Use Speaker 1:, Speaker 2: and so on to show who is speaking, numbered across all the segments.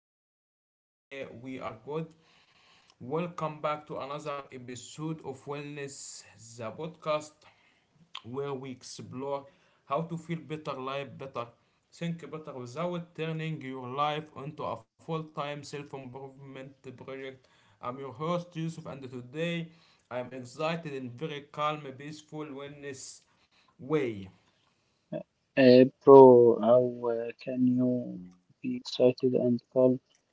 Speaker 1: mic check. Here we are good. Welcome back to another episode of Wellness, the podcast where we explore how to feel better, live better, think better without turning your life into a full time self improvement project. I'm your host, Yusuf, and today I'm excited in very calm, peaceful wellness way.
Speaker 2: Bro, how can you be excited and calm?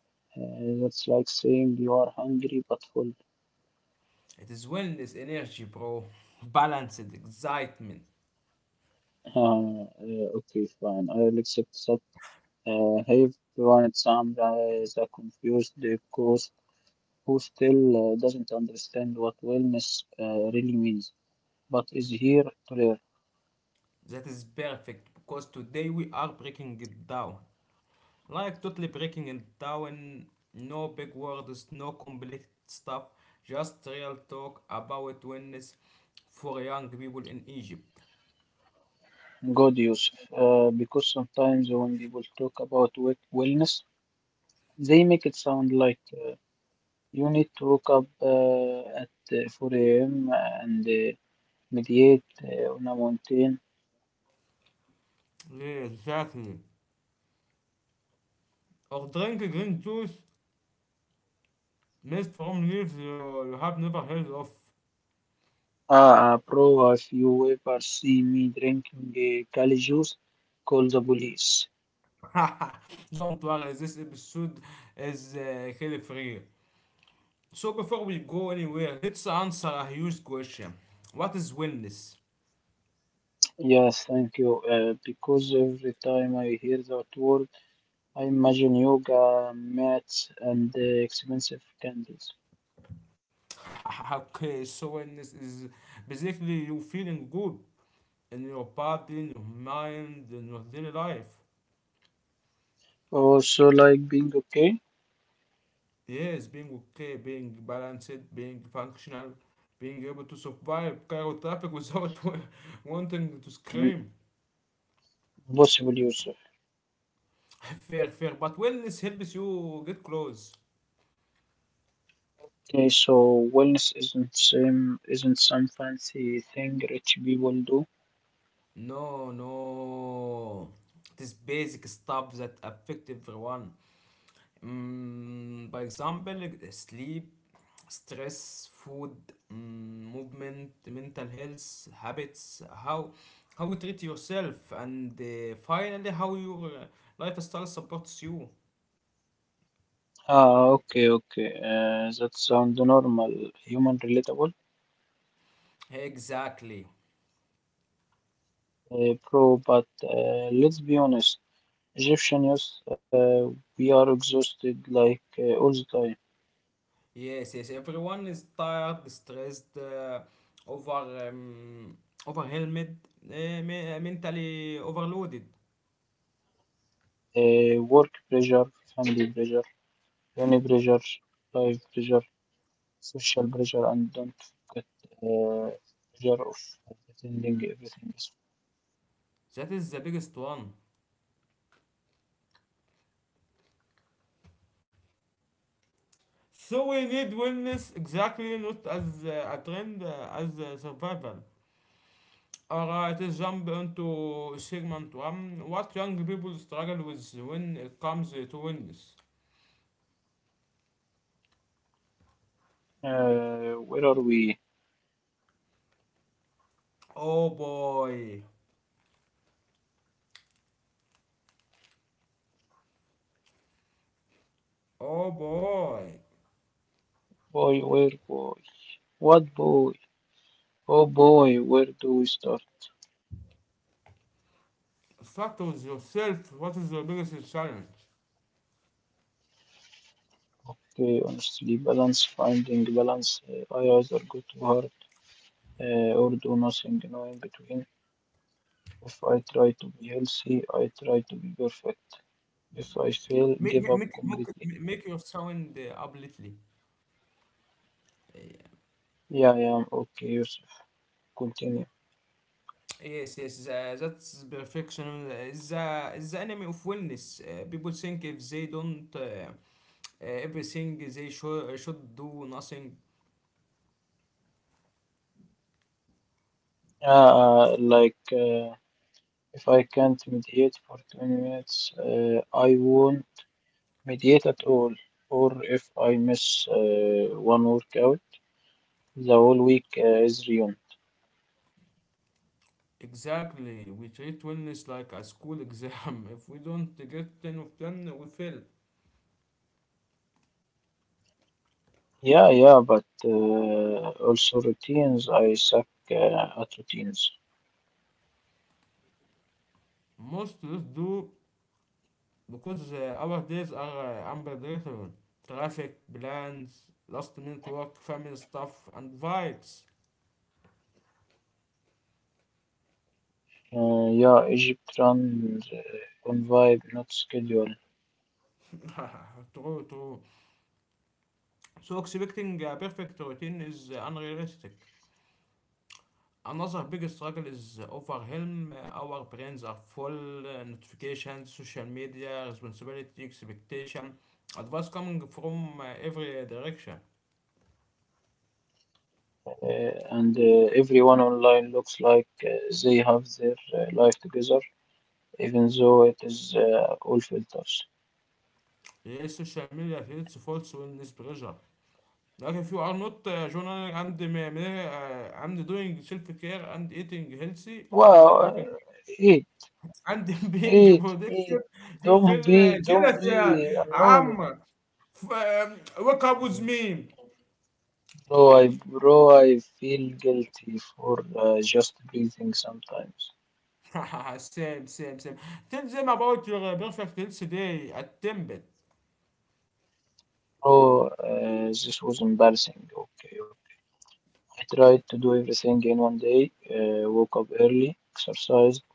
Speaker 2: That's like saying you are hungry but full.
Speaker 1: It is wellness energy, bro. Balanced excitement.
Speaker 2: Okay, fine. I'll accept that. Hey everyone, it's Amra, the confused ghost who still doesn't understand what wellness really means, but is here to learn.
Speaker 1: That is perfect because today we are breaking it down. Like totally breaking it down. No big words, no complex stuff, just real talk about wellness for young people in Egypt.
Speaker 2: Good, Yusuf. Because sometimes when people talk about wellness, they make it sound like you need to wake up at 4 a.m. and meditate on a mountain.
Speaker 1: Yeah, exactly. Or drink green juice made from leaves you have never heard of.
Speaker 2: Ah, bro, if you ever see me drinking Kali juice, call the police.
Speaker 1: Don't worry, this episode is kill free. So before we go anywhere, let's answer a huge question. What is wellness?
Speaker 2: Yes, thank you. Because every time I hear that word, I imagine yoga mats and expensive candles.
Speaker 1: Okay, so wellness is basically you feeling good in your body, in your mind, in your daily life.
Speaker 2: Also, like being okay?
Speaker 1: Yes, being okay, being balanced, being functional, being able to survive Cairo traffic without wanting to
Speaker 2: Mm,
Speaker 1: scream.
Speaker 2: possible use.
Speaker 1: Fair, fair, but wellness helps you get close.
Speaker 2: Okay, so wellness isn't some fancy thing rich people do.
Speaker 1: No, no. This basic stuff that affect everyone. By example, sleep, stress, food, movement, mental health, habits, how you treat yourself, and finally how your lifestyle supports you.
Speaker 2: Ah, okay, okay. That sounds normal, human relatable,
Speaker 1: Exactly.
Speaker 2: pro, but let's be honest, Egyptian youth, we are exhausted like all the time.
Speaker 1: Yes, yes. Everyone is tired, stressed, over um, overwhelmed, mentally overloaded.
Speaker 2: Work pressure, family pressure, uni pressure, life pressure, social pressure, and don't forget uh, pressure of pretending everything is.
Speaker 1: That is the biggest one. So we need wellness exactly not as a trend, as survival. Alright, let's jump into segment one. What young people struggle with when it comes to wellness?
Speaker 2: Where are we?
Speaker 1: Oh boy, oh boy.
Speaker 2: Boy, where boy? What boy? Oh boy, where do we start?
Speaker 1: Start with yourself. What is your biggest challenge?
Speaker 2: Okay, honestly, balance, finding balance. I either go too hard or do nothing, no in between. If I try to be healthy, I try to be perfect. If I fail,
Speaker 1: Make
Speaker 2: give
Speaker 1: make
Speaker 2: up
Speaker 1: make
Speaker 2: completely.
Speaker 1: make your sound up little.
Speaker 2: Yeah, I am okay, Yusuf, continue.
Speaker 1: Yes, yes, that's perfection. It's the enemy of wellness. People think if they don't everything they should do nothing.
Speaker 2: Like, if I can't mediate for 20 minutes, I won't mediate at all. Or if I miss one workout, the whole week is ruined.
Speaker 1: Exactly. We treat wellness like a school exam. If we don't get 10 of 10, we fail.
Speaker 2: Yeah, yeah, but also routines. I suck at routines.
Speaker 1: Most of us do because our days are unpredictable. Traffic, plans, last minute work, family stuff, and vibes.
Speaker 2: Yeah, Egypt runs on vibe, not schedule.
Speaker 1: True, true. So expecting a perfect routine is unrealistic. Another big struggle is overwhelm. Our brains are full. Notifications, social media, responsibility, expectation, advice coming from every direction.
Speaker 2: And everyone online looks like they have their life together, even though it is all filters.
Speaker 1: Yeah, social media creates false wellness pressure. Like if you are not journaling and and doing self care and eating healthy
Speaker 2: Wow,
Speaker 1: and working
Speaker 2: eat,
Speaker 1: and being
Speaker 2: eat, eat.
Speaker 1: productive, you
Speaker 2: Don't be,
Speaker 1: feel
Speaker 2: don't
Speaker 1: jealous.
Speaker 2: be
Speaker 1: Yeah,
Speaker 2: annoying.
Speaker 1: I'm. F- um, Wake up with me.
Speaker 2: Bro, I feel guilty for just breathing sometimes.
Speaker 1: Same, same, same. Tell them about your perfect health today at Temple.
Speaker 2: Bro, this was embarrassing. Okay, okay. I tried to do everything in one day. Woke up early, exercised,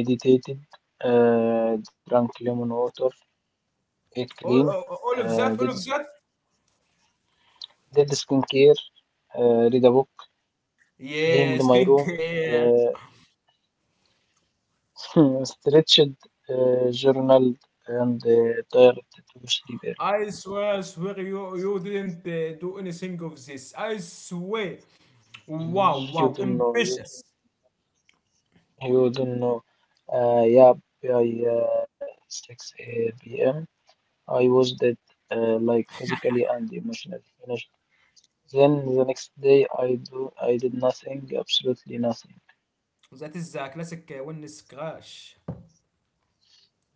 Speaker 2: meditated, drank lemon water, ate clean,
Speaker 1: All
Speaker 2: uh,
Speaker 1: of
Speaker 2: did
Speaker 1: that, all of that.
Speaker 2: did skincare, read a book,
Speaker 1: Yeah,
Speaker 2: cleaned my room,
Speaker 1: skincare.
Speaker 2: uh, stretched, journaled, and tried to sleep early.
Speaker 1: I swear, you didn't do anything of this. I swear. Wow,
Speaker 2: You
Speaker 1: wow,
Speaker 2: don't know, you
Speaker 1: ambitious.
Speaker 2: you don't know. Yeah, by 6 p.m. I was dead, like physically and emotionally finished. Then the next day, I did nothing, absolutely nothing.
Speaker 1: That is a classic wellness crash.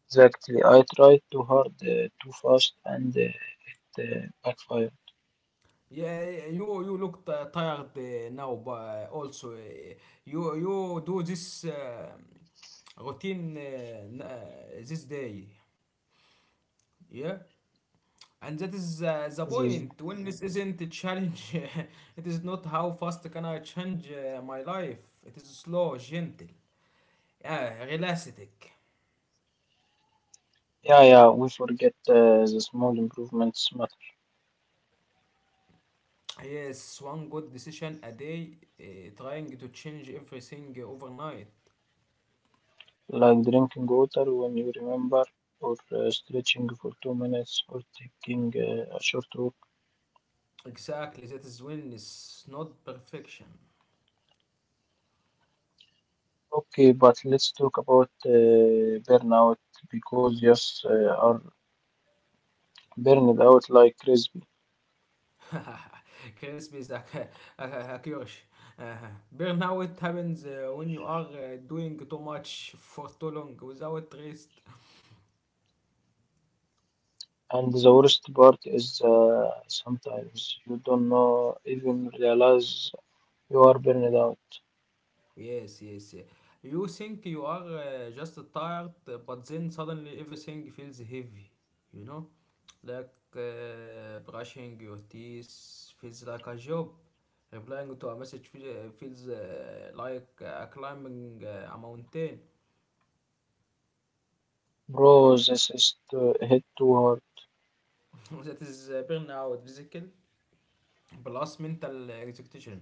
Speaker 2: Exactly, I tried too hard, too fast, and it backfired.
Speaker 1: Yeah, you look tired now, but also you do this routine this day. Yeah. And that is the
Speaker 2: This,
Speaker 1: point. Wellness isn't a challenge. It is not how fast can I change my life. It is slow, gentle, yeah, realistic.
Speaker 2: yeah, yeah, we forget the small improvements matter.
Speaker 1: Yes, one good decision a day, trying to change everything overnight.
Speaker 2: Like drinking water when you remember, or stretching for 2 minutes, or taking a short walk.
Speaker 1: Exactly, that is wellness, not perfection.
Speaker 2: Okay, but let's talk about burnout because yes, are burned out like crispy.
Speaker 1: Crisp is a, a curse. Uh, Burnout happens when you are doing too much for too long without rest.
Speaker 2: And the worst part is sometimes you don't know even realize you are burned out.
Speaker 1: Yes, yes. Yeah. You think you are just tired, but then suddenly everything feels heavy, you know? Like brushing your teeth feels like a job. Replying to a message feels like climbing a mountain.
Speaker 2: Bro, this is to hit too hard.
Speaker 1: That is burnout, physical, plus mental exhaustion.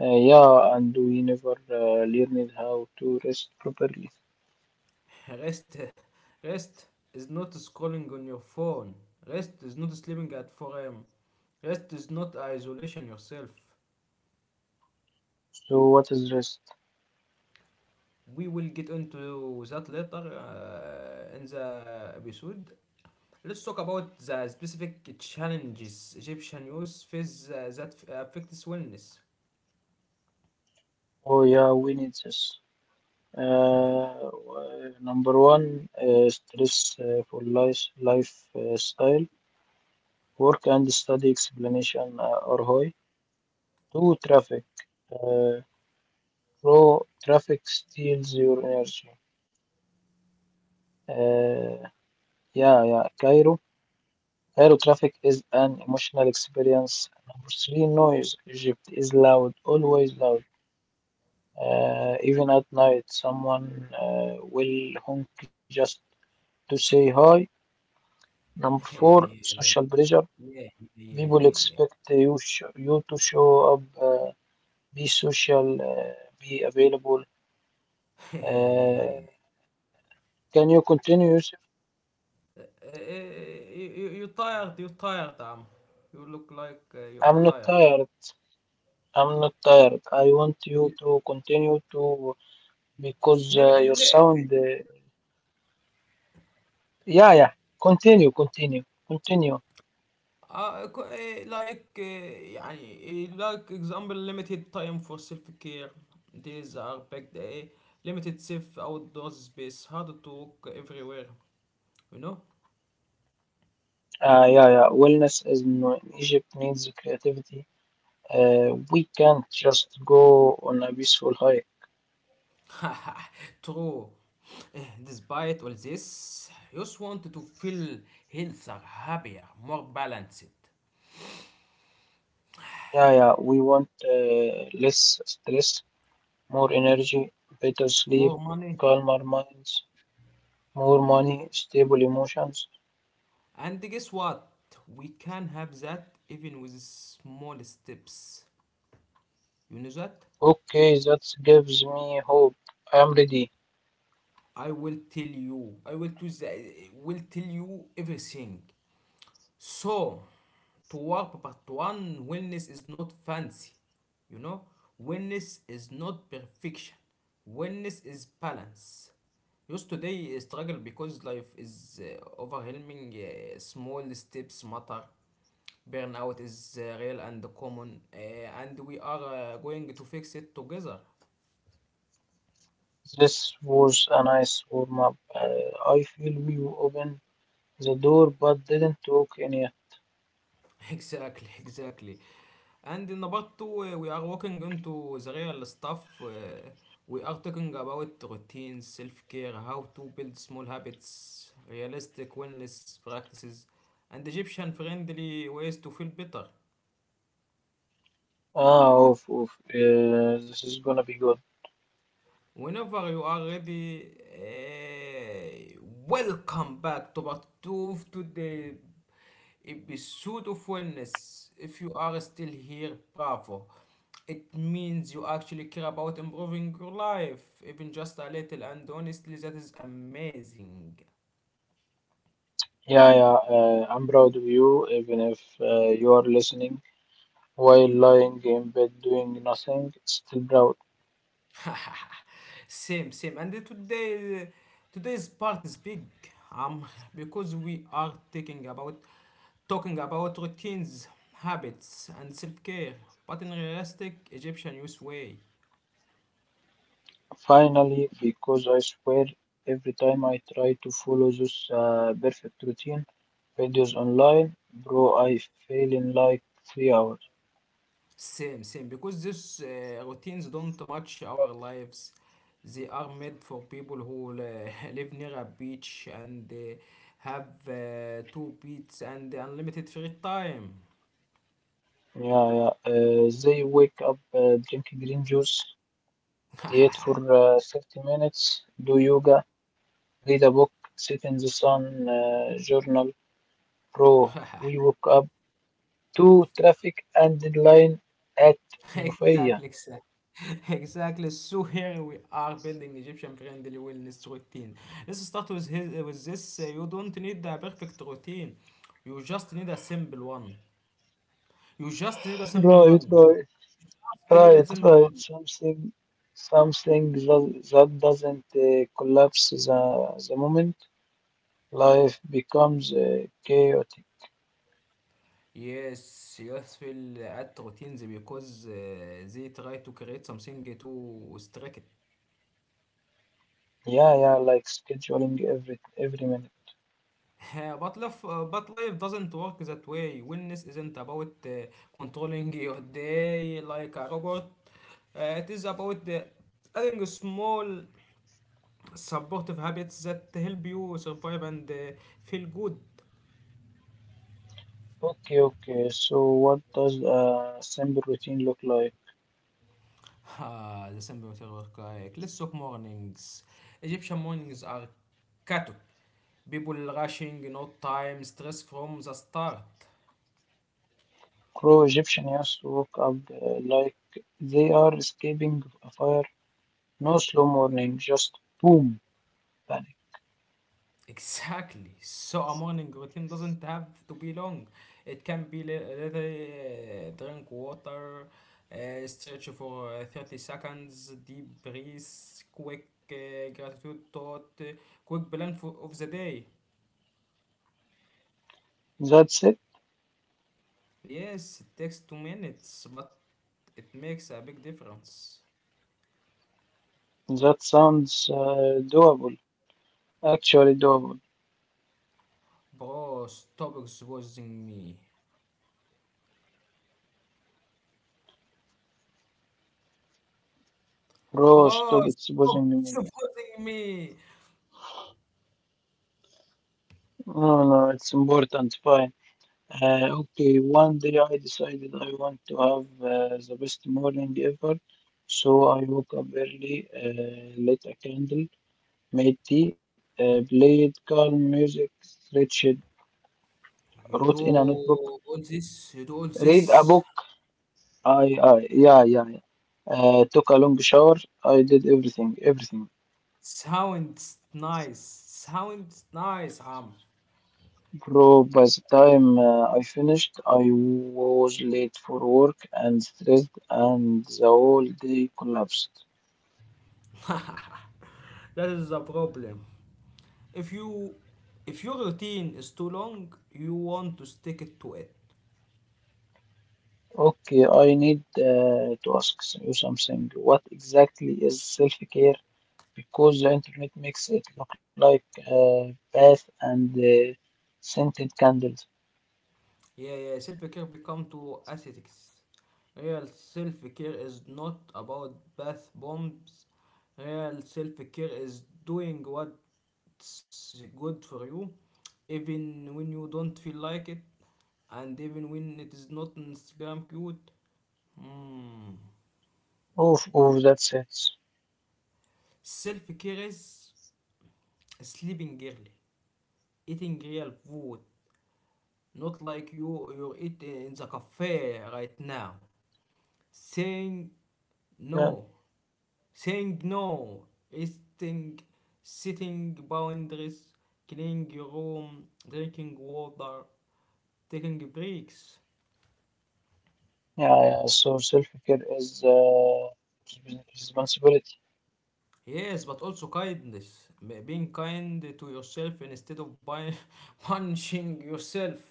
Speaker 2: Yeah, and we never learned how to rest properly.
Speaker 1: Rest, rest is not scrolling on your phone. Rest is not sleeping at 4 a.m. Rest is not isolation yourself.
Speaker 2: So what is rest?
Speaker 1: We will get into that later in the episode. Let's talk about the specific challenges Egyptian youth face that affects wellness.
Speaker 2: Oh yeah, we need this. Number one, stress for lifestyle, work and study explanation are high. Two, traffic. Uh, Pro traffic steals your energy. Uh, yeah, yeah. Cairo traffic is an emotional experience. Number three, noise. Egypt is loud, always loud. Even at night, someone will honk just to say hi. Number four,
Speaker 1: Yeah, yeah,
Speaker 2: social pressure.
Speaker 1: yeah,
Speaker 2: People
Speaker 1: yeah, yeah,
Speaker 2: expect you to show up, be social, be available.
Speaker 1: yeah, yeah. Yeah.
Speaker 2: Uh, can you continue, Yusuf?
Speaker 1: Uh, uh, you're tired, you're tired, Am. You look like you are
Speaker 2: I'm not
Speaker 1: tired.
Speaker 2: tired. I'm not tired. I want you to continue to because
Speaker 1: Lim
Speaker 2: your
Speaker 1: li-
Speaker 2: sound. Yeah, yeah. Continue, continue, continue.
Speaker 1: co- eh, Like example limited time for self-care. These are packed. Limited safe outdoor space. Hard to walk everywhere. You know.
Speaker 2: Yeah, yeah. Wellness is no- in Egypt needs creativity. We can't just go on a peaceful hike.
Speaker 1: True. Despite all this, you just want to feel healthier, happier, more balanced,
Speaker 2: Yeah, yeah, we want less stress, more energy, better sleep,
Speaker 1: more money.
Speaker 2: calmer minds, more money, stable emotions.
Speaker 1: And guess what? We can have that even with small steps. You know that?
Speaker 2: Okay, that gives me hope. I'm ready.
Speaker 1: I will tell you. I will tell you everything. So, to work but one wellness is not fancy, you know. Wellness is not perfection. Wellness is balance. Just today struggle because life is overwhelming. Small steps matter. Burnout is real and common, and we are going to fix it together.
Speaker 2: This was a nice warm up. I feel we opened the door but didn't talk any.
Speaker 1: Exactly, exactly. And number two, we are walking into the real stuff. We are talking about routines, self care, how to build small habits, realistic wellness practices, and Egyptian friendly ways to feel better.
Speaker 2: Ah, oof, oof. This is gonna be good.
Speaker 1: Whenever you are ready, welcome back to part two of today's episode of Wellness. If you are still here, bravo. It means you actually care about improving your life, even just a little, and honestly, that is amazing.
Speaker 2: Yeah, yeah, I'm proud of you, even if you are listening while lying in bed doing nothing, still proud.
Speaker 1: Same, same, and today's part is big um because we are taking about talking about routines, habits, and self-care, but in realistic Egyptian use way.
Speaker 2: Finally, because I swear every time I try to follow this perfect routine videos online, bro, I fail in like 3 hours.
Speaker 1: Same, same, because these routines don't match our lives. They are made for people who live near a beach and have two beats and unlimited free time.
Speaker 2: Yeah, yeah. They wake up, drink green juice, meditate for 30 minutes, do yoga, read a book, sit in the sun, journal. Bro, we woke up to traffic and line at Minofia.
Speaker 1: Exactly, exactly. Exactly. So here we are building Egyptian friendly wellness routine. Let's start with with this. You don't need a perfect routine. You just need a simple one. You just need a simple
Speaker 2: Bro, you
Speaker 1: one.
Speaker 2: try,
Speaker 1: Just need a
Speaker 2: right,
Speaker 1: simple
Speaker 2: right.
Speaker 1: one.
Speaker 2: Something that doesn't collapse the moment. Life becomes chaotic.
Speaker 1: Yes, yes, will add routines because they try to create something too strict.
Speaker 2: Yeah, yeah, like scheduling every minute.
Speaker 1: But life doesn't work that way. Wellness isn't about controlling your day like a robot. It is about adding small supportive habits that help you survive and feel good.
Speaker 2: Okay, okay. So what does a simple routine look like?
Speaker 1: Ah, the simple work correct. Let's talk mornings. Egyptian mornings are chaotic. People rushing, no time, stress from the start.
Speaker 2: Crow Egyptian used to wake up like they are escaping a fire. No slow morning, just boom, panic.
Speaker 1: Exactly. So a morning routine doesn't have to be long. It can be literally drink water, stretch for 30 seconds, deep breath, quick gratitude thought, quick plan of the day.
Speaker 2: That's it.
Speaker 1: Yes, it takes 2 minutes, but it makes a big difference.
Speaker 2: That sounds doable. Actually doable.
Speaker 1: Bro, stop exposing me.
Speaker 2: Bro,
Speaker 1: Bro,
Speaker 2: stop
Speaker 1: stop
Speaker 2: exposing me.
Speaker 1: exposing me.
Speaker 2: No, no, it's important. Fine. Okay, one day I decided I want to have the best morning ever. So I woke up early, lit a candle, made tea, played calm music, stretched,
Speaker 1: You do
Speaker 2: wrote in a notebook,
Speaker 1: all this, you do all
Speaker 2: read a
Speaker 1: this.
Speaker 2: book. I yeah, yeah, yeah. Took a long shower. I did everything, everything.
Speaker 1: Sounds nice. Sounds nice, Am.
Speaker 2: Bro, by the time I finished, I was late for work and stressed, and the whole day collapsed.
Speaker 1: That is the problem. If you if your routine is too long, you want to stick it to it.
Speaker 2: Okay, I need to ask you something. What exactly is self-care? Because the internet makes it look like bath and scented candles.
Speaker 1: Yeah, yeah, self-care become too aesthetics. Real self-care is not about bath bombs. Real self-care is doing what's good for you, even when you don't feel like it, and even when it is not Instagram cute. Hmm.
Speaker 2: Oof, oof, that's it.
Speaker 1: Self care is sleeping early, eating real food, not like you eat in the cafe right now. Saying no,
Speaker 2: Yeah,
Speaker 1: saying no, resting, setting boundaries, cleaning your room, drinking water, taking breaks.
Speaker 2: yeah, yeah. So self-care is responsibility.
Speaker 1: Yes, but also kindness. Being kind to yourself instead of punching yourself.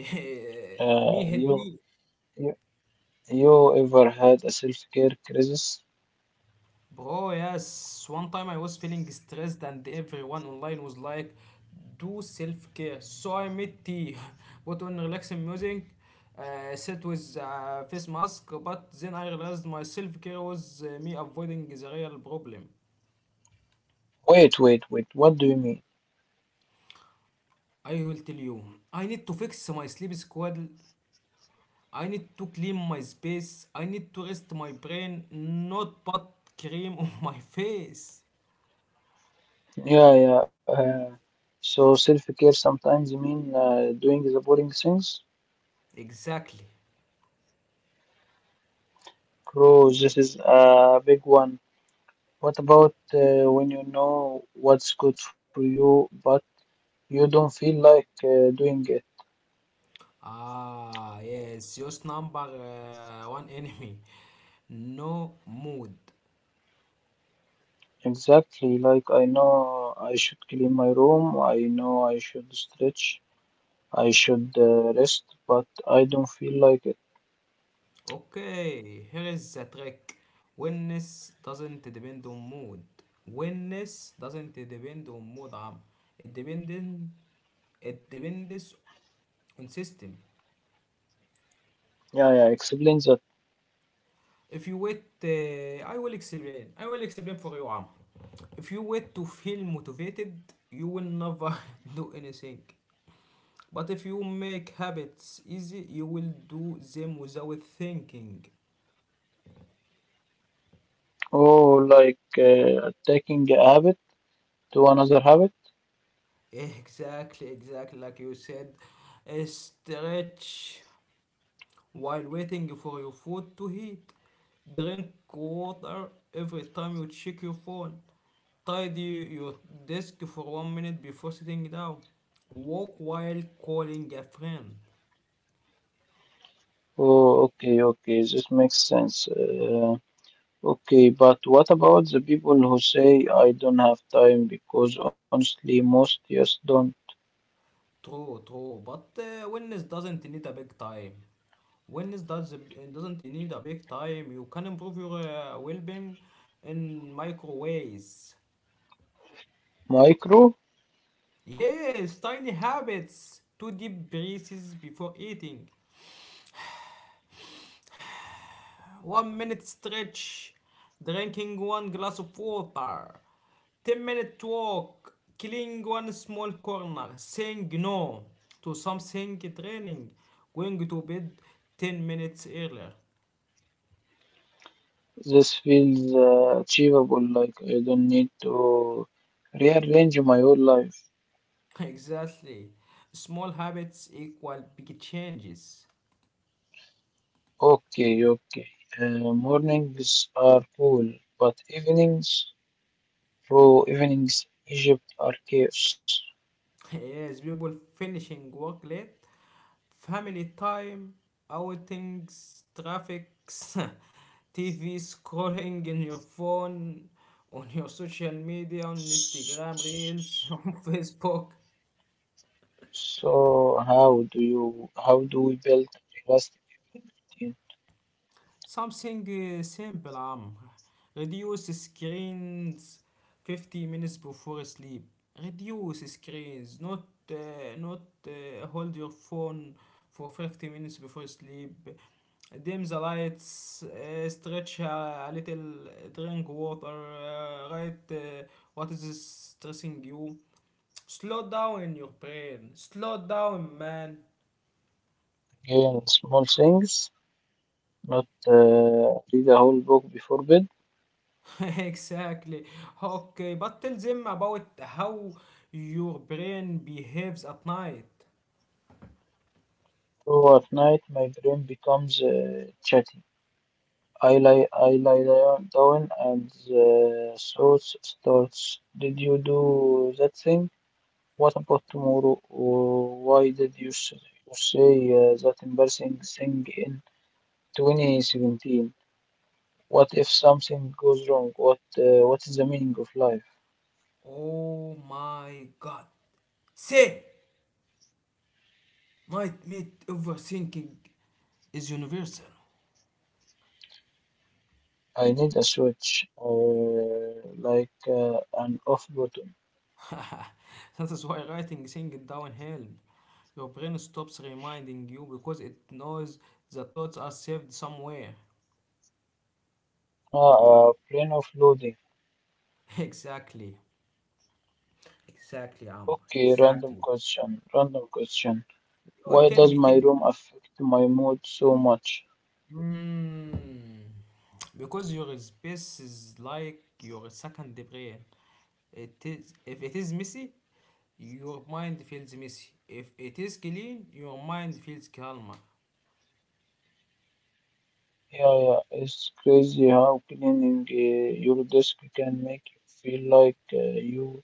Speaker 2: Uh,
Speaker 1: Me at
Speaker 2: you.
Speaker 1: least.
Speaker 2: you You ever had a self-care crisis?
Speaker 1: Bro, yes. One time I was feeling stressed and everyone online was like, do self care. So I made tea, put on relaxing music, sit with a face mask, but then I realized my self care was me avoiding the real problem.
Speaker 2: Wait, wait, wait. What do you mean?
Speaker 1: I will tell you, I need to fix my sleep schedule. I need to clean my space. I need to rest my brain, not put cream on my face.
Speaker 2: Yeah, yeah. So self-care sometimes you mean doing the boring things?
Speaker 1: Exactly.
Speaker 2: Bro, this is a big one. What about when you know what's good for you, but you don't feel like doing it?
Speaker 1: Ah, yes, just number one enemy. No mood.
Speaker 2: Exactly. Like I know I should clean my room. I know I should stretch. I should rest, but I don't feel like it.
Speaker 1: Okay, here is the trick. Wellness doesn't depend on mood. Wellness doesn't depend on mood. It depends. It depends on system.
Speaker 2: Yeah, yeah. Explain that.
Speaker 1: If you wait, I will explain. I will explain for you, Am. If you wait to feel motivated, you will never do anything. But if you make habits easy, you will do them without thinking.
Speaker 2: Oh, like taking a habit to another habit?
Speaker 1: Exactly, exactly like you said. A stretch while waiting for your food to heat. Drink water every time you check your phone. Tidy your desk for 1 minute before sitting down. Walk while calling a friend.
Speaker 2: Oh, okay, okay, this makes sense. Okay, but what about the people who say I don't have time? Because honestly, most just don't.
Speaker 1: True, true. But wellness doesn't need a big time. Wellness doesn't need a big time. You can improve your well being in micro ways.
Speaker 2: Micro,
Speaker 1: Yes, tiny habits. Two deep breaths before eating. 1 minute stretch. Drinking one glass of water. 10-minute walk. Cleaning one small corner. Saying no to something training. Going to bed 10 minutes earlier.
Speaker 2: this feels achievable, like I don't need to rearrange my whole life.
Speaker 1: Exactly. Small habits equal big changes.
Speaker 2: Okay, okay. Mornings are cool, but evenings, bro, evenings, Egypt are chaos.
Speaker 1: Yes, people finishing work late, family time, outings, traffics, TV scrolling in your phone, on your social media, on Instagram, Reels, on Facebook.
Speaker 2: So how do we build trust in
Speaker 1: Something simple, reduce screens 50 minutes before sleep. Reduce screens, not hold your phone for 50 minutes before sleep. Dim the lights, stretch a little, drink water, write what is stressing you. Slow down in your brain. Slow down, man.
Speaker 2: again small things, not read a whole book before bed.
Speaker 1: Exactly. Okay, but tell them about how your brain behaves at night.
Speaker 2: So at night my brain becomes chatty. I lie down and the thoughts starts. Did you do that thing? What about tomorrow? Or why did you say that embarrassing thing in 2017? What if something goes wrong? What is the meaning of life?
Speaker 1: Oh my god. Say, nightmare overthinking is universal.
Speaker 2: I need a switch, like an off button.
Speaker 1: That is why writing things down help. Your brain stops reminding you because it knows the thoughts are saved somewhere.
Speaker 2: Ah, a plane of loading.
Speaker 1: Exactly. Exactly, Amr.
Speaker 2: Okay, random
Speaker 1: Exactly.
Speaker 2: question. Random question.
Speaker 1: Oh,
Speaker 2: Why
Speaker 1: tell
Speaker 2: does
Speaker 1: me,
Speaker 2: my
Speaker 1: tell me.
Speaker 2: room affect my mood so much?
Speaker 1: Mm, because your space is like your second brain. It is, if it is messy, your mind feels messy. If it is clean, your mind feels calmer.
Speaker 2: Yeah, yeah, it's crazy how cleaning your desk can make you feel like you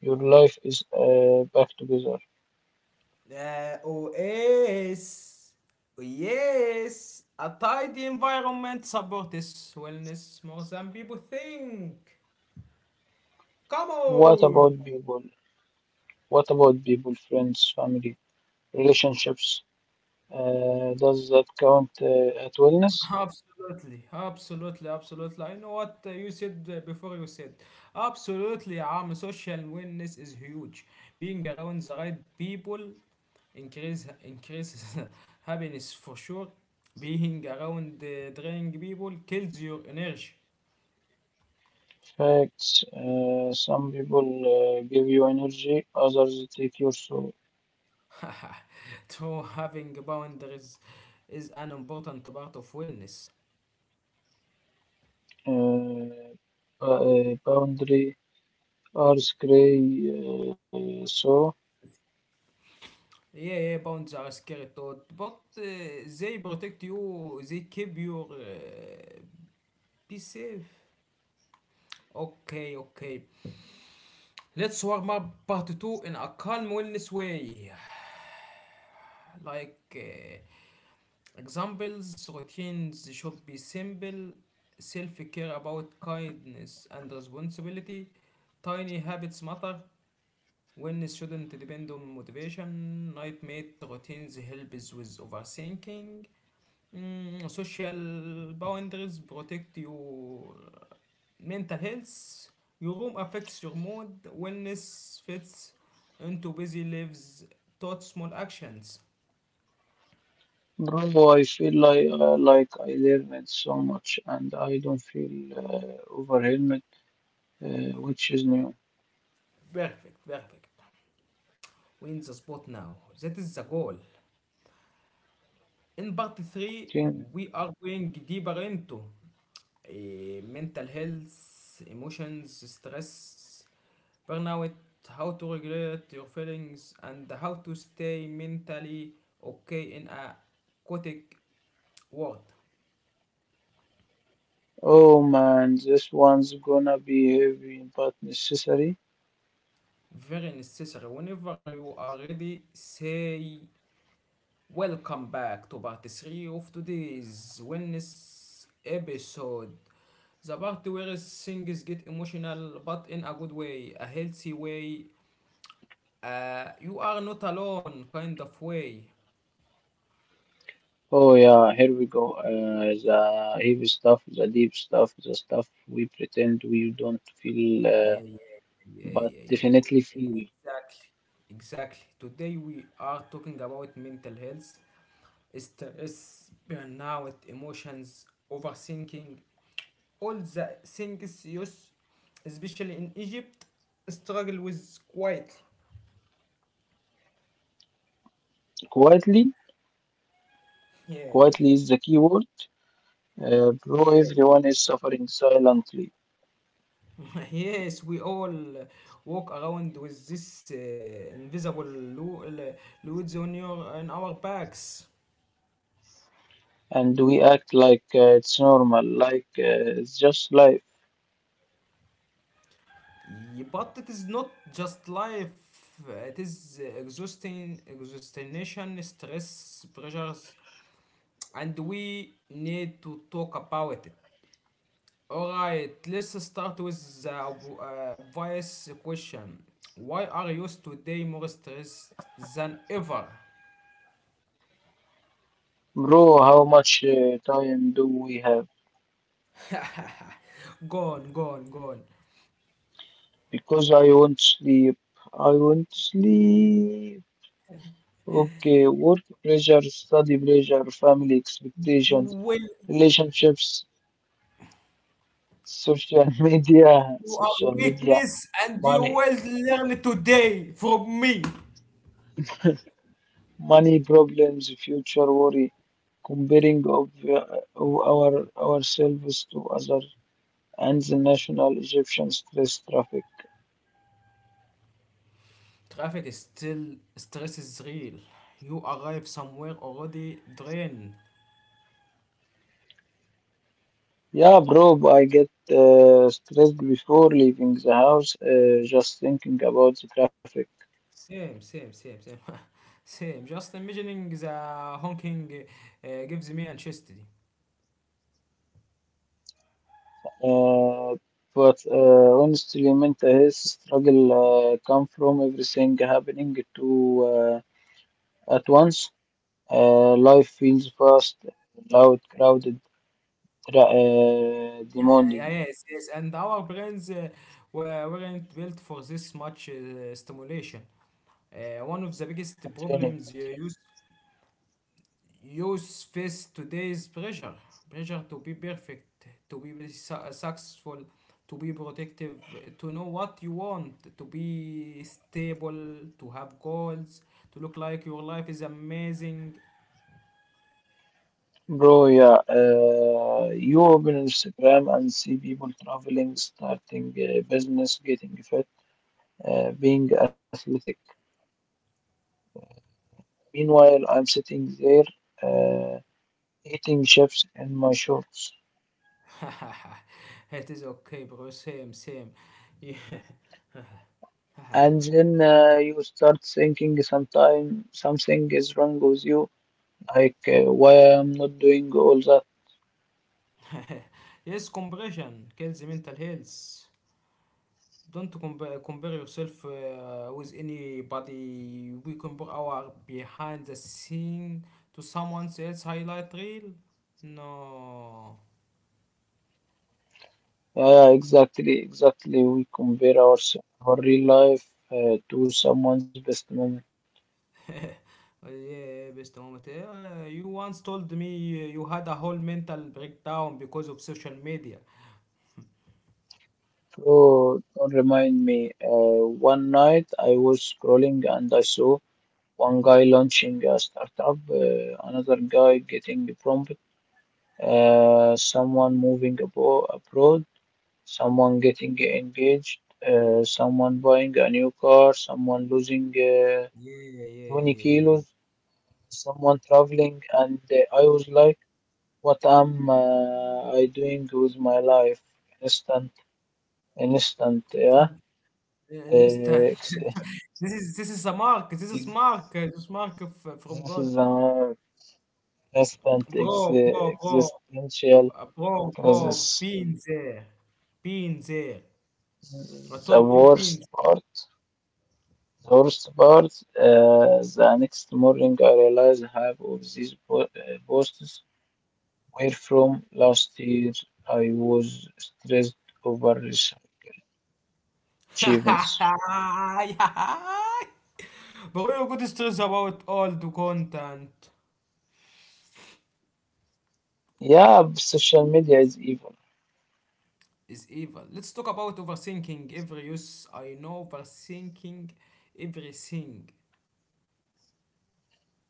Speaker 2: your life is back together.
Speaker 1: Oh yes, oh, yes. A tidy environment supports wellness more than people think. Come
Speaker 2: What
Speaker 1: on.
Speaker 2: about people? What about people, friends, family? Relationships. Does that count at wellness?
Speaker 1: Absolutely, absolutely, absolutely. I know what you said before you said. Absolutely, social awareness is huge. Being around the right people increases happiness for sure. Being around the draining people kills your energy.
Speaker 2: Facts. Some people give you energy, others take your soul.
Speaker 1: So having boundaries is an important part of wellness.
Speaker 2: Uh, Boundary are gray. So,
Speaker 1: Yeah, yeah, bounds are scary thought, but they protect you, they keep you. Be safe. Okay, okay. Let's warm up part 2 in a calm wellness way. Like, examples, routines should be simple, self care about kindness and responsibility, tiny habits matter. When students depend on motivation, nightmate routines helps with overthinking. Mm, social boundaries protect your mental health. Your room affects your mood. Wellness fits into busy lives, thought small actions.
Speaker 2: bro, I feel like I learned so much, and I don't feel overwhelmed, uh, which is new.
Speaker 1: Perfect, perfect. Win the spot now. That is the goal. In part 3,
Speaker 2: Continue.
Speaker 1: we are going deeper into mental health, emotions, stress, burnout, how to regulate your feelings, and how to stay mentally okay in a chaotic world.
Speaker 2: Oh man, this one's gonna be heavy but necessary.
Speaker 1: Very necessary. Whenever you are ready, say Welcome back to part 3 of today's wellness episode. The part where things get emotional, but in a good way, a healthy way, you are not alone kind of way.
Speaker 2: Oh yeah, here we go. The heavy stuff, the deep stuff, the stuff we pretend we don't feel,
Speaker 1: Yeah, yeah, yeah, yeah,
Speaker 2: but
Speaker 1: yeah, yeah,
Speaker 2: definitely
Speaker 1: yeah.
Speaker 2: feel.
Speaker 1: Exactly, exactly. Today we are talking about mental health, stress, burnout, emotions, overthinking, all the things used, especially in Egypt, struggle with quietly.
Speaker 2: Quietly,
Speaker 1: Yeah, yeah.
Speaker 2: quietly is the key word. Bro,
Speaker 1: Yeah,
Speaker 2: everyone is suffering silently,
Speaker 1: yes, we all uh, walk around with this invisible loads on your on our backs.
Speaker 2: and we act like it's normal, like it's just life.
Speaker 1: Yeah, but it is not just life. It is exhausting, exhaustion, stress, pressures, and we need to talk about it. Alright, let's start with the obvious question. Why are you today more stressed than ever?
Speaker 2: Bro, how much time do we have?
Speaker 1: Gone, gone, gone.
Speaker 2: Because I won't sleep. I won't sleep. Okay, work pressure, study pressure, family
Speaker 1: You
Speaker 2: expectations.
Speaker 1: will,
Speaker 2: Relationships, social media,
Speaker 1: you are weakness, and you
Speaker 2: money,
Speaker 1: will learn today from me.
Speaker 2: money problems, future worry, comparing of ourselves to other, and the national Egyptian stress traffic.
Speaker 1: Traffic is still, stress is real. You arrive somewhere already drained.
Speaker 2: Yeah, bro, I get stressed before leaving the house, just thinking about the traffic.
Speaker 1: Same, same, same, same. Same. Just imagining the honking gives me anxiety.
Speaker 2: Uh, but honestly, mental health struggle come from everything happening to at once. Life feels fast, loud, crowded, demanding.
Speaker 1: Yeah, yes, yes, and our brains weren't built for this much stimulation. One of the biggest
Speaker 2: Continue.
Speaker 1: problems use face today is pressure. Pressure to be perfect, to be very successful, to be protective, to know what you want, to be stable, to have goals, to look like your life is amazing.
Speaker 2: Bro, yeah. You open Instagram and see people traveling, starting a business, getting fit, being athletic. Meanwhile, I'm sitting there uh, eating chips in my shorts.
Speaker 1: It is okay, bro. Same, same. Yeah.
Speaker 2: And then you start thinking sometime something is wrong with you, like why I'm not doing all that.
Speaker 1: Yes, comparison kills mental health. Don't compare, compare yourself with anybody. We compare our behind the scene to someone else's highlight reel. No.
Speaker 2: Yeah, yeah, exactly, exactly. We compare our real life to someone's best moment.
Speaker 1: Yeah, best moment. You once told me you had a whole mental breakdown because of social media.
Speaker 2: Oh, don't remind me. One night I was scrolling and I saw one guy launching a startup, another guy getting a prompt, someone moving abo abroad, someone getting engaged, someone buying a new car, someone losing
Speaker 1: Yeah, yeah,
Speaker 2: 20
Speaker 1: yeah,
Speaker 2: kilos,
Speaker 1: yeah.
Speaker 2: someone traveling, and I was like, What am I doing with my life? Instant, instant, yeah.
Speaker 1: An instant.
Speaker 2: Uh, ex
Speaker 1: This is a mark. This is
Speaker 2: ex-
Speaker 1: mark. This is mark from
Speaker 2: this
Speaker 1: God,
Speaker 2: is an instant ex
Speaker 1: bro, bro, bro.
Speaker 2: existential
Speaker 1: Bro,
Speaker 2: crisis.
Speaker 1: bro, been there. Been there. I
Speaker 2: The
Speaker 1: told you been
Speaker 2: worst part, the worst part. The next morning, I realized half of these po posts were from last year. I was stressed over
Speaker 1: there.
Speaker 2: achievements.
Speaker 1: Bro, you're good stress about all the content
Speaker 2: Yeah, social media is evil.
Speaker 1: is evil. Let's talk about overthinking every use. I know overthinking everything.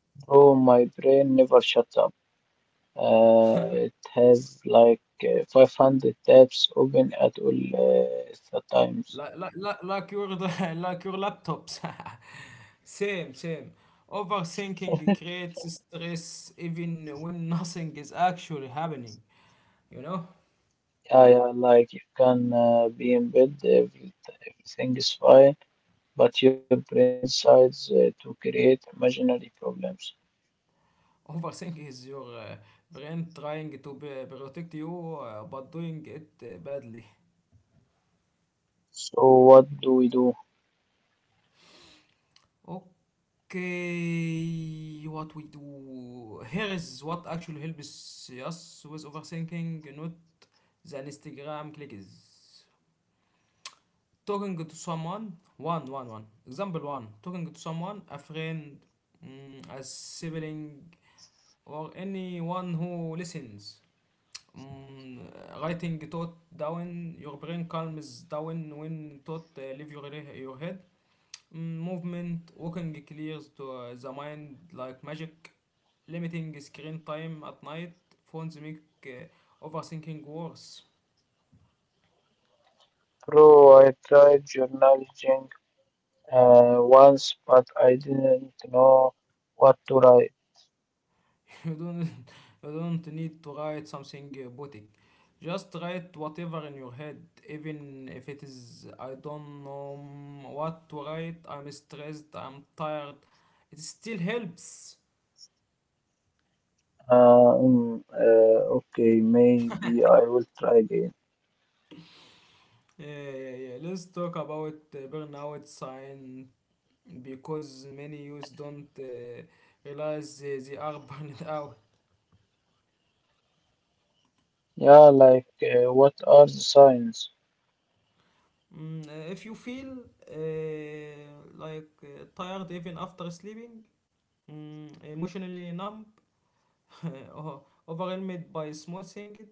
Speaker 2: Bro, my brain never shuts up. Uh, it has like 500 tabs open at all the times.
Speaker 1: Like your like your laptops. Same, same. Overthinking creates stress even when nothing is actually happening. You know?
Speaker 2: Yeah, yeah, like you can be in bed, everything is fine, but your brain decides to create imaginary problems.
Speaker 1: Overthinking is your brain trying to protect you, but doing it badly.
Speaker 2: So what do we do?
Speaker 1: Okay, what we do here is what actually helps us with overthinking, not the Instagram clicks. Talking to someone, one, one, one. Example one, talking to someone, a friend, mm, a sibling, or anyone who listens. Mm, writing thought down, your brain calms down when thought leave your head. Mm, movement, walking clears to the mind like magic. Limiting screen time at night, phones make overthinking worse.
Speaker 2: Bro, I tried journaling once, but I didn't know what to write.
Speaker 1: You don't you don't need to write something poetic, just write whatever in your head, even if it is I don't know, mm, what to write, I'm stressed, I'm tired, it still helps.
Speaker 2: Okay, maybe I will try again.
Speaker 1: Yeah, yeah, yeah, let's talk about burnout sign, because many youths don't realize they are burned out.
Speaker 2: Yeah, like what are the signs?
Speaker 1: Mm, if you feel uh, like tired even after sleeping, mm, emotionally numb, Uh, overwhelmed by small things,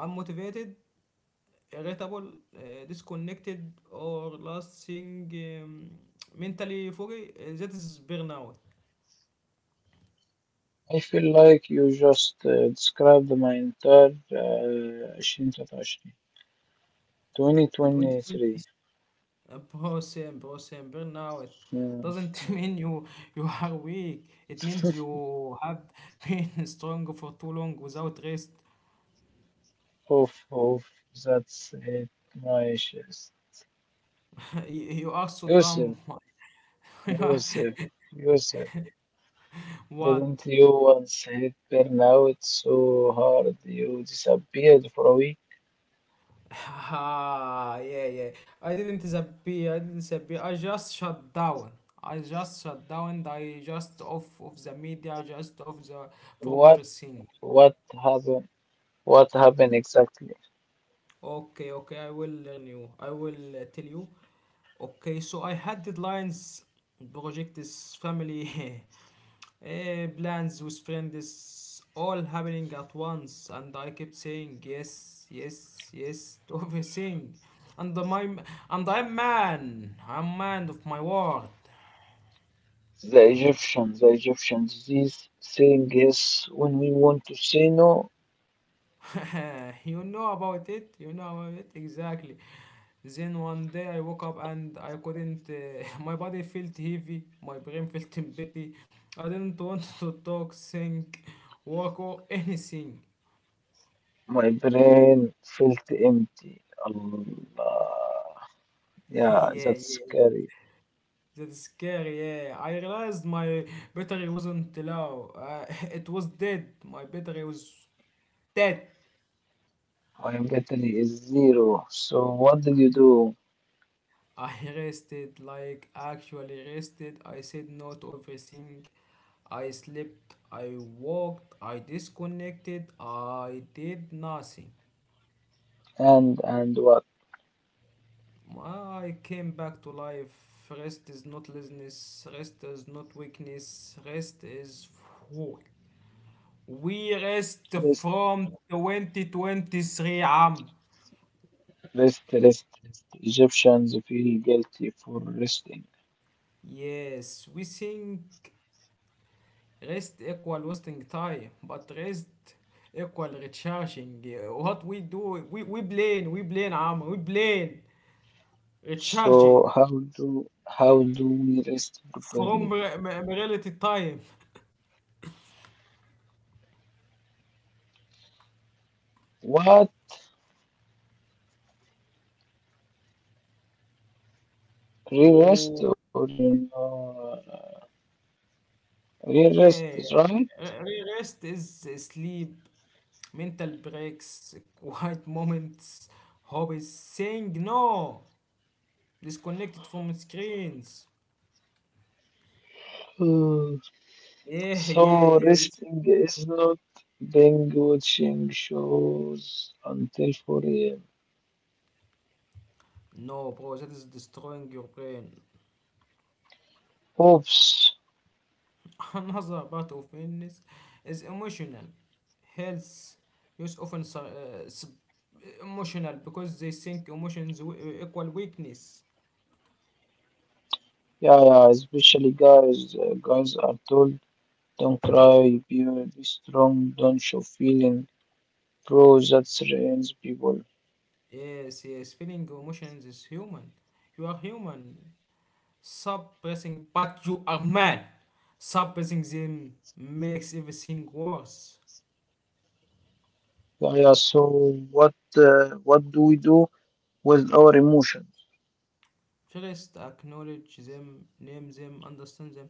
Speaker 1: unmotivated, irritable, disconnected, or last thing, um, mentally foggy. That is burnout.
Speaker 2: I feel like you just described my entire 2023.
Speaker 1: 2020
Speaker 2: 2023.
Speaker 1: is a process, process, burnout.
Speaker 2: Mm.
Speaker 1: Doesn't mean you are weak. It means you have been strong for too long without rest.
Speaker 2: Oof, oof, that's it, my issues.
Speaker 1: You are so
Speaker 2: Yusuf,
Speaker 1: dumb. You are-
Speaker 2: Yusuf, Yusuf, didn't
Speaker 1: What?
Speaker 2: you once hit burnout so hard you disappeared for a week?
Speaker 1: Ah, yeah, yeah. I didn't disappear. I didn't disappear. I just shut down. I just shut down. I just off of the media. I just off the from
Speaker 2: What,
Speaker 1: everything.
Speaker 2: what happened? What happened exactly?
Speaker 1: Okay, okay. I will learn you. I will tell you. Okay, so I had deadlines, projects, family. Eh, plans with friends all happening at once, and I kept saying yes, yes, yes to everything, and my and I'm man of my word.
Speaker 2: The Egyptians, this saying yes when we want to say no,
Speaker 1: You know about it, you know about it, exactly. Then one day I woke up and I couldn't my body felt heavy, my brain felt empty, I didn't want to talk, think, work, or anything.
Speaker 2: my brain felt empty. Allah. Yeah,
Speaker 1: Yeah,
Speaker 2: that's
Speaker 1: yeah.
Speaker 2: scary.
Speaker 1: That's scary, yeah. I realized my battery wasn't low. It was dead. My battery was dead.
Speaker 2: My battery is zero. So what did you do?
Speaker 1: I rested, like actually rested. I said no to everything. I slept, I walked, I disconnected, I did nothing.
Speaker 2: And what?
Speaker 1: I came back to life. Rest is not laziness, rest is not weakness, rest is full. We rest
Speaker 2: Rest,
Speaker 1: from 2023 عام.
Speaker 2: rest, rest, rest. Egyptians feel guilty for resting.
Speaker 1: Yes, we think rest equal wasting time, but rest equal recharging. What we do, we blame عام, we blame
Speaker 2: So
Speaker 1: recharging
Speaker 2: how do how do we rest properly?
Speaker 1: from reality time.
Speaker 2: What? Re-rest
Speaker 1: Oh,
Speaker 2: or re-rest,
Speaker 1: yeah.
Speaker 2: right?
Speaker 1: Rest is sleep, mental breaks, quiet moments, hobbies, saying no. Disconnected from screens.
Speaker 2: Hmm,
Speaker 1: Yeah,
Speaker 2: so
Speaker 1: yeah, yeah. This,
Speaker 2: resting is not being watching shows until 4 a.m.?
Speaker 1: no, bro, that is destroying your brain.
Speaker 2: Oops.
Speaker 1: Another part of illness is emotional. Health use often sub- emotional because they think emotions equal weakness.
Speaker 2: Yeah, yeah, especially guys. Guys are told don't cry, be strong, don't show feeling. Bro, that strains people.
Speaker 1: Yes, yes, feeling emotions is human. You are human. Suppressing, but you are man. Suppressing them makes everything worse.
Speaker 2: Yeah, yeah, so what do we do with our emotions?
Speaker 1: First, acknowledge them, name them, understand them.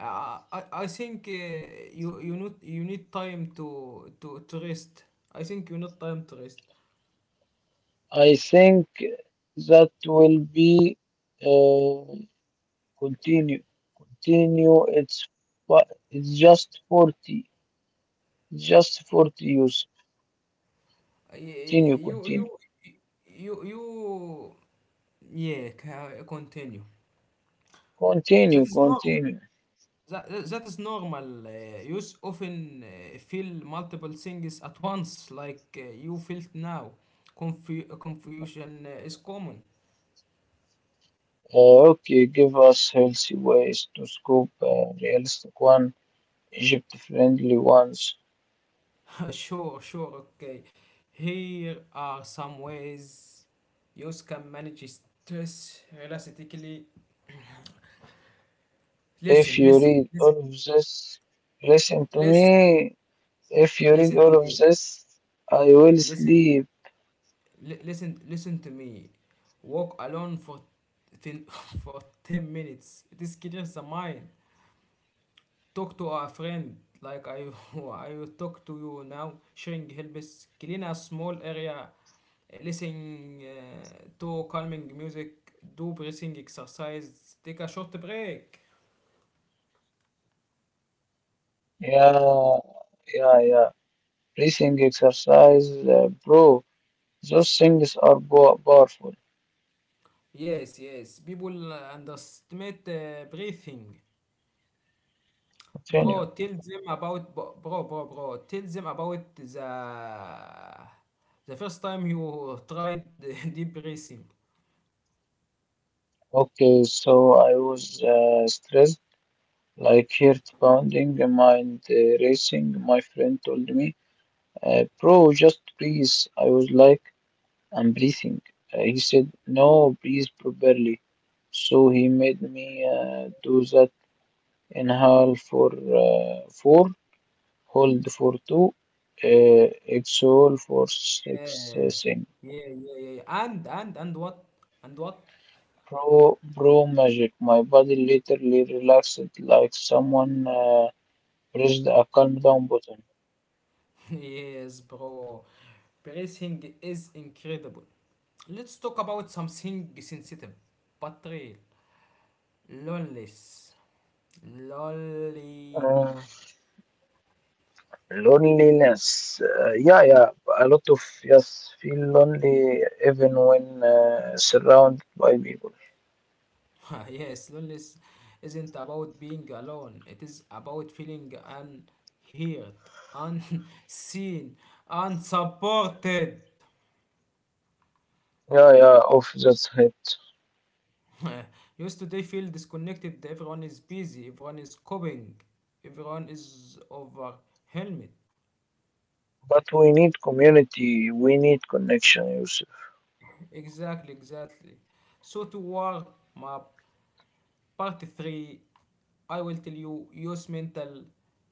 Speaker 1: I think you you need time to to rest. I think you need time to rest.
Speaker 2: I think that will be uh, continue continue, it's just 40 just 40 use
Speaker 1: Uh, y-
Speaker 2: continue
Speaker 1: You you
Speaker 2: continue
Speaker 1: you yeah, continue.
Speaker 2: continue
Speaker 1: That is normal.
Speaker 2: continue
Speaker 1: That is normal. You often feel multiple things at once, like you felt now. Confusion is common.
Speaker 2: okay, give us healthy ways to scoop realistic one, Egypt friendly ones.
Speaker 1: Sure, sure, okay. Here are some ways you can manage stress realistically.
Speaker 2: If
Speaker 1: Listen,
Speaker 2: you
Speaker 1: listen,
Speaker 2: read
Speaker 1: listen,
Speaker 2: all of this, listen to
Speaker 1: listen,
Speaker 2: me. If you read
Speaker 1: listen to
Speaker 2: all of
Speaker 1: me.
Speaker 2: this, I will
Speaker 1: Listen,
Speaker 2: sleep.
Speaker 1: listen, listen to me. Walk alone for ten, for 10 minutes. It is clears the mind. Talk to a friend like I I will talk to you now. Sharing helps clean a small area. Listening to calming music, do breathing exercise, take a short break.
Speaker 2: Yeah, yeah, yeah, breathing exercise, bro, those things are powerful.
Speaker 1: Yes, yes. People underestimate breathing.
Speaker 2: Continue.
Speaker 1: Bro, tell them about bro, bro, bro, bro, tell them about the first time you tried deep breathing.
Speaker 2: Okay, so I was stressed, like heart pounding, mind racing. My friend told me, "Bro, just breathe." I was like, "I'm breathing." He said, "No, breathe properly." So he made me do that. Inhale for four, hold for two, uh, exhale for six.
Speaker 1: Yeah,
Speaker 2: Sing.
Speaker 1: yeah, yeah, yeah. And what? And what?
Speaker 2: Bro, magic. My body literally relaxed, like someone. Press the account down button.
Speaker 1: Yes, bro. Bracing is incredible. Let's talk about something sensitive but real. Loneliness. Lonely.
Speaker 2: Uh, loneliness. Yeah, yeah. A lot of yes feel lonely even when surrounded by people.
Speaker 1: Yes, loneliness isn't about being alone. It is about feeling unheard, unseen, unsupported.
Speaker 2: Yeah, yeah. Of that's it.
Speaker 1: You today feel disconnected. Everyone is busy. Everyone is coping. Everyone is overwhelmed.
Speaker 2: But we need community. We need connection, Yusuf.
Speaker 1: Exactly, exactly. So to war map part three, I will tell you use mental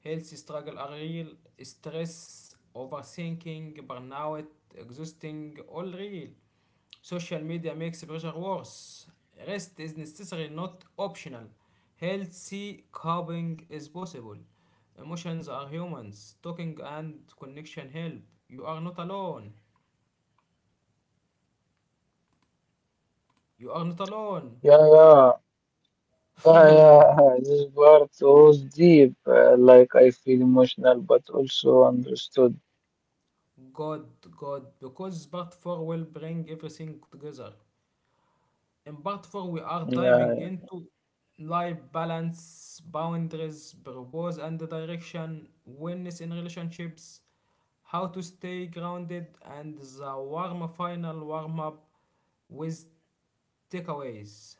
Speaker 1: health struggle are real, stress, overthinking, burnout, exhausting, all real. Social media makes pressure worse. Rest is necessary, not optional. Healthy coping is possible. Emotions are humans. Talking and connection help. You are not alone. You are not alone.
Speaker 2: Yeah, yeah, yeah, yeah. This part was deep. Like I feel emotional, but also understood.
Speaker 1: God, God, because part 4 will bring everything together. In part 4, we are diving
Speaker 2: Yeah,
Speaker 1: into life balance, boundaries, purpose and direction, wellness in relationships, how to stay grounded, and the warm final warm up with takeaways.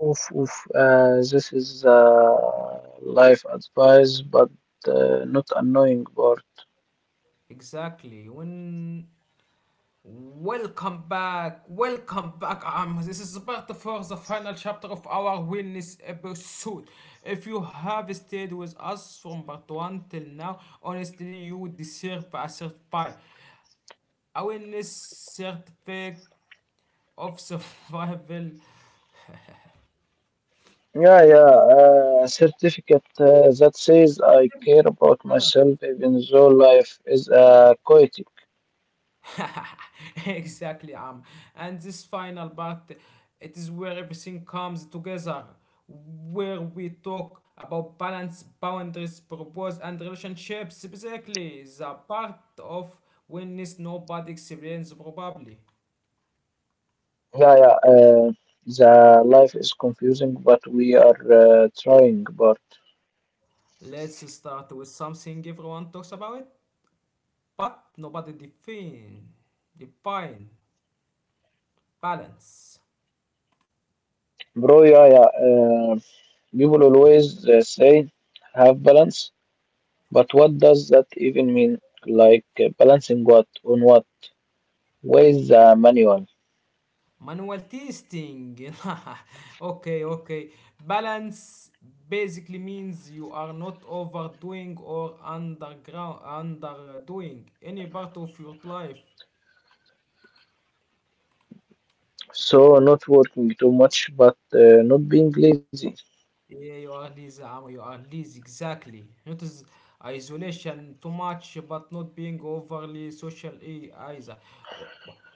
Speaker 2: oof, oof. This is life advice, but not annoying part.
Speaker 1: Exactly. When Welcome back, welcome back. This is about the first, the final chapter of our wellness episode. If you have stayed with us from part one till now, honestly, you deserve a certified awareness certificate of survival.
Speaker 2: Yeah, yeah. A certificate that says I care about myself, even though life is chaotic.
Speaker 1: Exactly, and this final part, it is where everything comes together, where we talk about balance, boundaries, purpose, and relationships. Basically, the part of wellness nobody experiences probably.
Speaker 2: Yeah, yeah. The life is confusing, but we are trying. But
Speaker 1: Let's start with something everyone talks about, but nobody define, define balance.
Speaker 2: bro, yeah, yeah. People always say have balance, but what does that even mean? Like balancing what on what? Where is the manual?
Speaker 1: Manual testing. Okay, okay. Balance basically means you are not overdoing or underground underdoing any part of your life.
Speaker 2: So, not working too much, but not being lazy,
Speaker 1: Yeah, you are lazy, Amo, you are lazy, exactly. Not is isolation too much, but not being overly social either.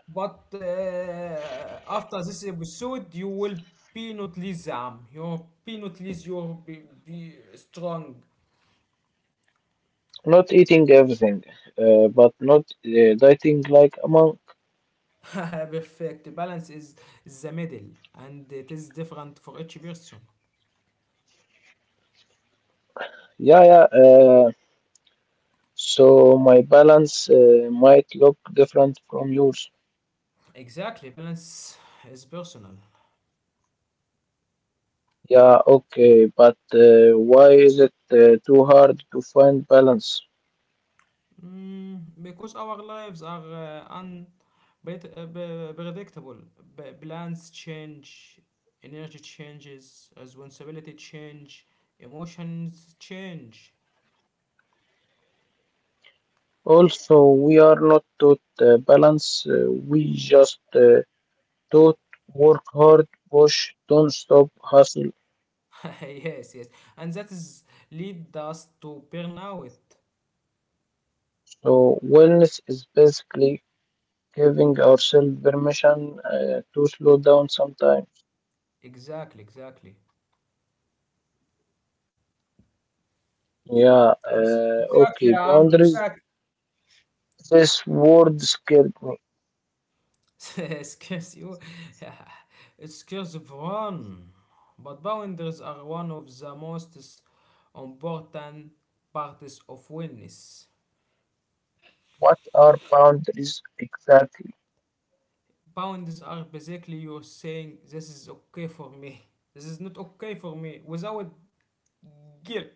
Speaker 1: But after this episode, you will be not lazy, Amo. You'll be not lazy, you'll be strong.
Speaker 2: not eating everything, but not dieting like a monk.
Speaker 1: Perfect. Is the middle, and it is different for each person.
Speaker 2: Yeah, yeah. So, my balance might look different from yours.
Speaker 1: Exactly, balance is personal.
Speaker 2: Yeah, okay, but why is it too hard to find balance?
Speaker 1: Mm, because our lives are unpredictable. Plans change, energy changes, responsibility change, emotions change.
Speaker 2: Also, we are not taught balance, we just taught work hard, push, don't stop, hustle.
Speaker 1: Yes, yes. And that is lead us to burnout.
Speaker 2: So, wellness is basically giving ourselves permission to slow down sometimes.
Speaker 1: Exactly, exactly.
Speaker 2: Yeah,
Speaker 1: Exactly,
Speaker 2: okay.
Speaker 1: Amr,
Speaker 2: Boundaries.
Speaker 1: exactly.
Speaker 2: This word scared me.
Speaker 1: Excuse you. Excuse one. But boundaries are one of the most important parts of wellness.
Speaker 2: What are boundaries exactly?
Speaker 1: Boundaries are basically you're saying this is okay for me. This is not okay for me without guilt.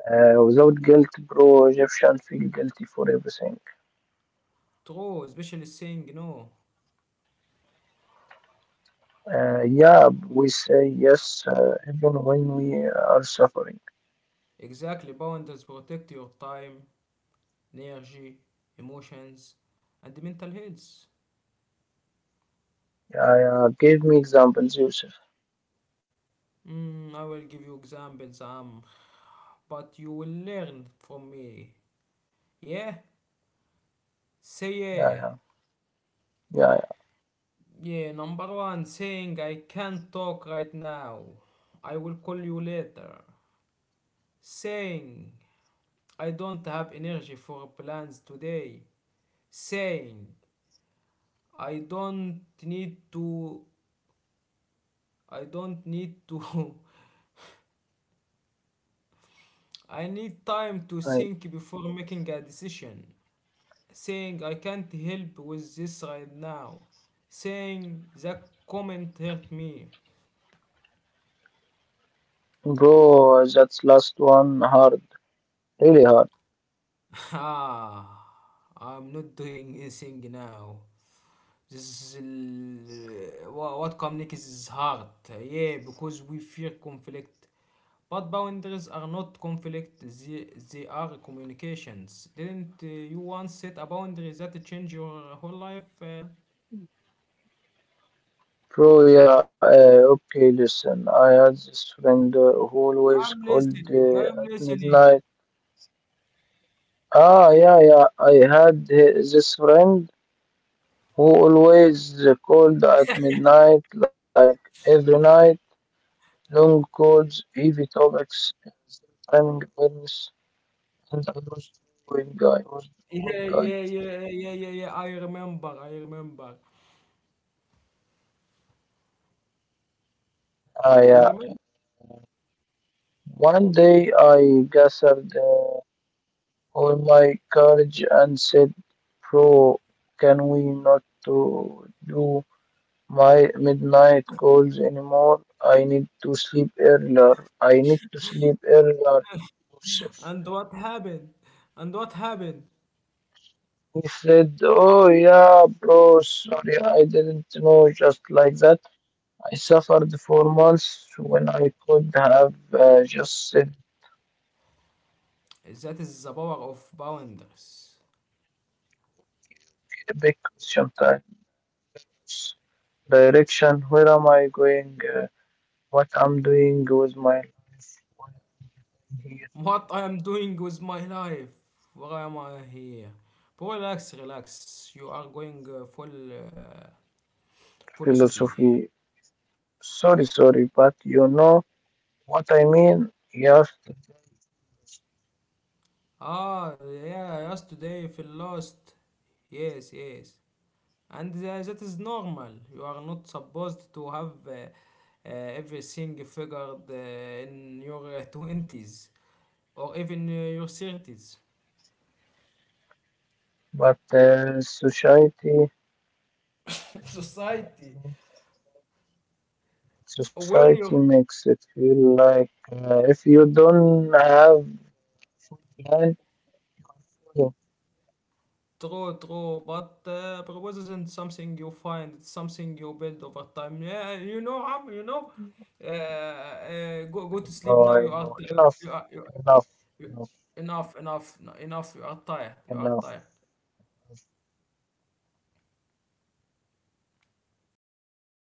Speaker 2: Without guilt, bro, Egyptian feel guilty for everything.
Speaker 1: True, especially saying no.
Speaker 2: Yeah, we say yes even when we are suffering.
Speaker 1: Exactly, boundaries protect your time, energy, emotions, and mental health.
Speaker 2: Yeah, yeah. Give me examples, Yusuf.
Speaker 1: Mm, I will give you examples, but you will learn from me. Yeah? Say
Speaker 2: Yeah,
Speaker 1: yeah.
Speaker 2: yeah, yeah,
Speaker 1: Yeah, number one, saying I can't talk right now. I will call you later. Saying I don't have energy for plans today. Saying I don't need to. I don't need to. I need time to
Speaker 2: yeah. I,
Speaker 1: think before making a decision. Saying I can't help with this right now, saying that comment hurt me.
Speaker 2: bro, that's last one hard, really hard.
Speaker 1: Ah, I'm not doing anything now. This is what communicates is hard. Yeah, because we fear conflict. But boundaries are not conflict, they are communications. Didn't you once set a boundary that changed your whole life?
Speaker 2: Bro, yeah, okay, listen. I had this friend who always
Speaker 1: I'm
Speaker 2: called
Speaker 1: listening, I'm
Speaker 2: at midnight.
Speaker 1: listening.
Speaker 2: Ah, yeah, yeah. I had this friend who always called at midnight, like every night. Long calls, heavy topics, timing awareness, and doing, I was
Speaker 1: Yeah,
Speaker 2: doing,
Speaker 1: yeah, yeah, yeah, yeah, yeah. I remember, I remember.
Speaker 2: I. Ah,
Speaker 1: You
Speaker 2: yeah.
Speaker 1: remember?
Speaker 2: One day I gathered. Oh my courage and said, Bro, can we not to do my midnight calls anymore? I need to sleep earlier. I need to sleep earlier, Yusuf.
Speaker 1: And what happened? And what happened?
Speaker 2: He said, Oh yeah, bro, sorry, I didn't know just like that. I suffered for months when I could have just said
Speaker 1: That is the power of boundaries.
Speaker 2: a big question times. Direction, where am I going? What I'm doing with my life when I hear
Speaker 1: What I am doing with my life? Why am I here? But relax, relax. You are going full philosophy.
Speaker 2: philosophy. Sorry, but you know what I mean? Yes,
Speaker 1: Ah, yeah, yesterday feel lost. Yes, yes. And that is normal, you are not supposed to have everything figured in your 20s or even your 30s.
Speaker 2: but
Speaker 1: Society,
Speaker 2: society
Speaker 1: where your
Speaker 2: makes it feel like if you don't have full plan, I know,
Speaker 1: true true but purpose isn't something you find, it's something you build over time. Yeah, you know how, you know, go to sleep
Speaker 2: I
Speaker 1: now. You
Speaker 2: know,
Speaker 1: are,
Speaker 2: enough,
Speaker 1: you are you,
Speaker 2: enough,
Speaker 1: you,
Speaker 2: enough,
Speaker 1: enough, enough, enough. You are tired, you are
Speaker 2: enough.
Speaker 1: tired.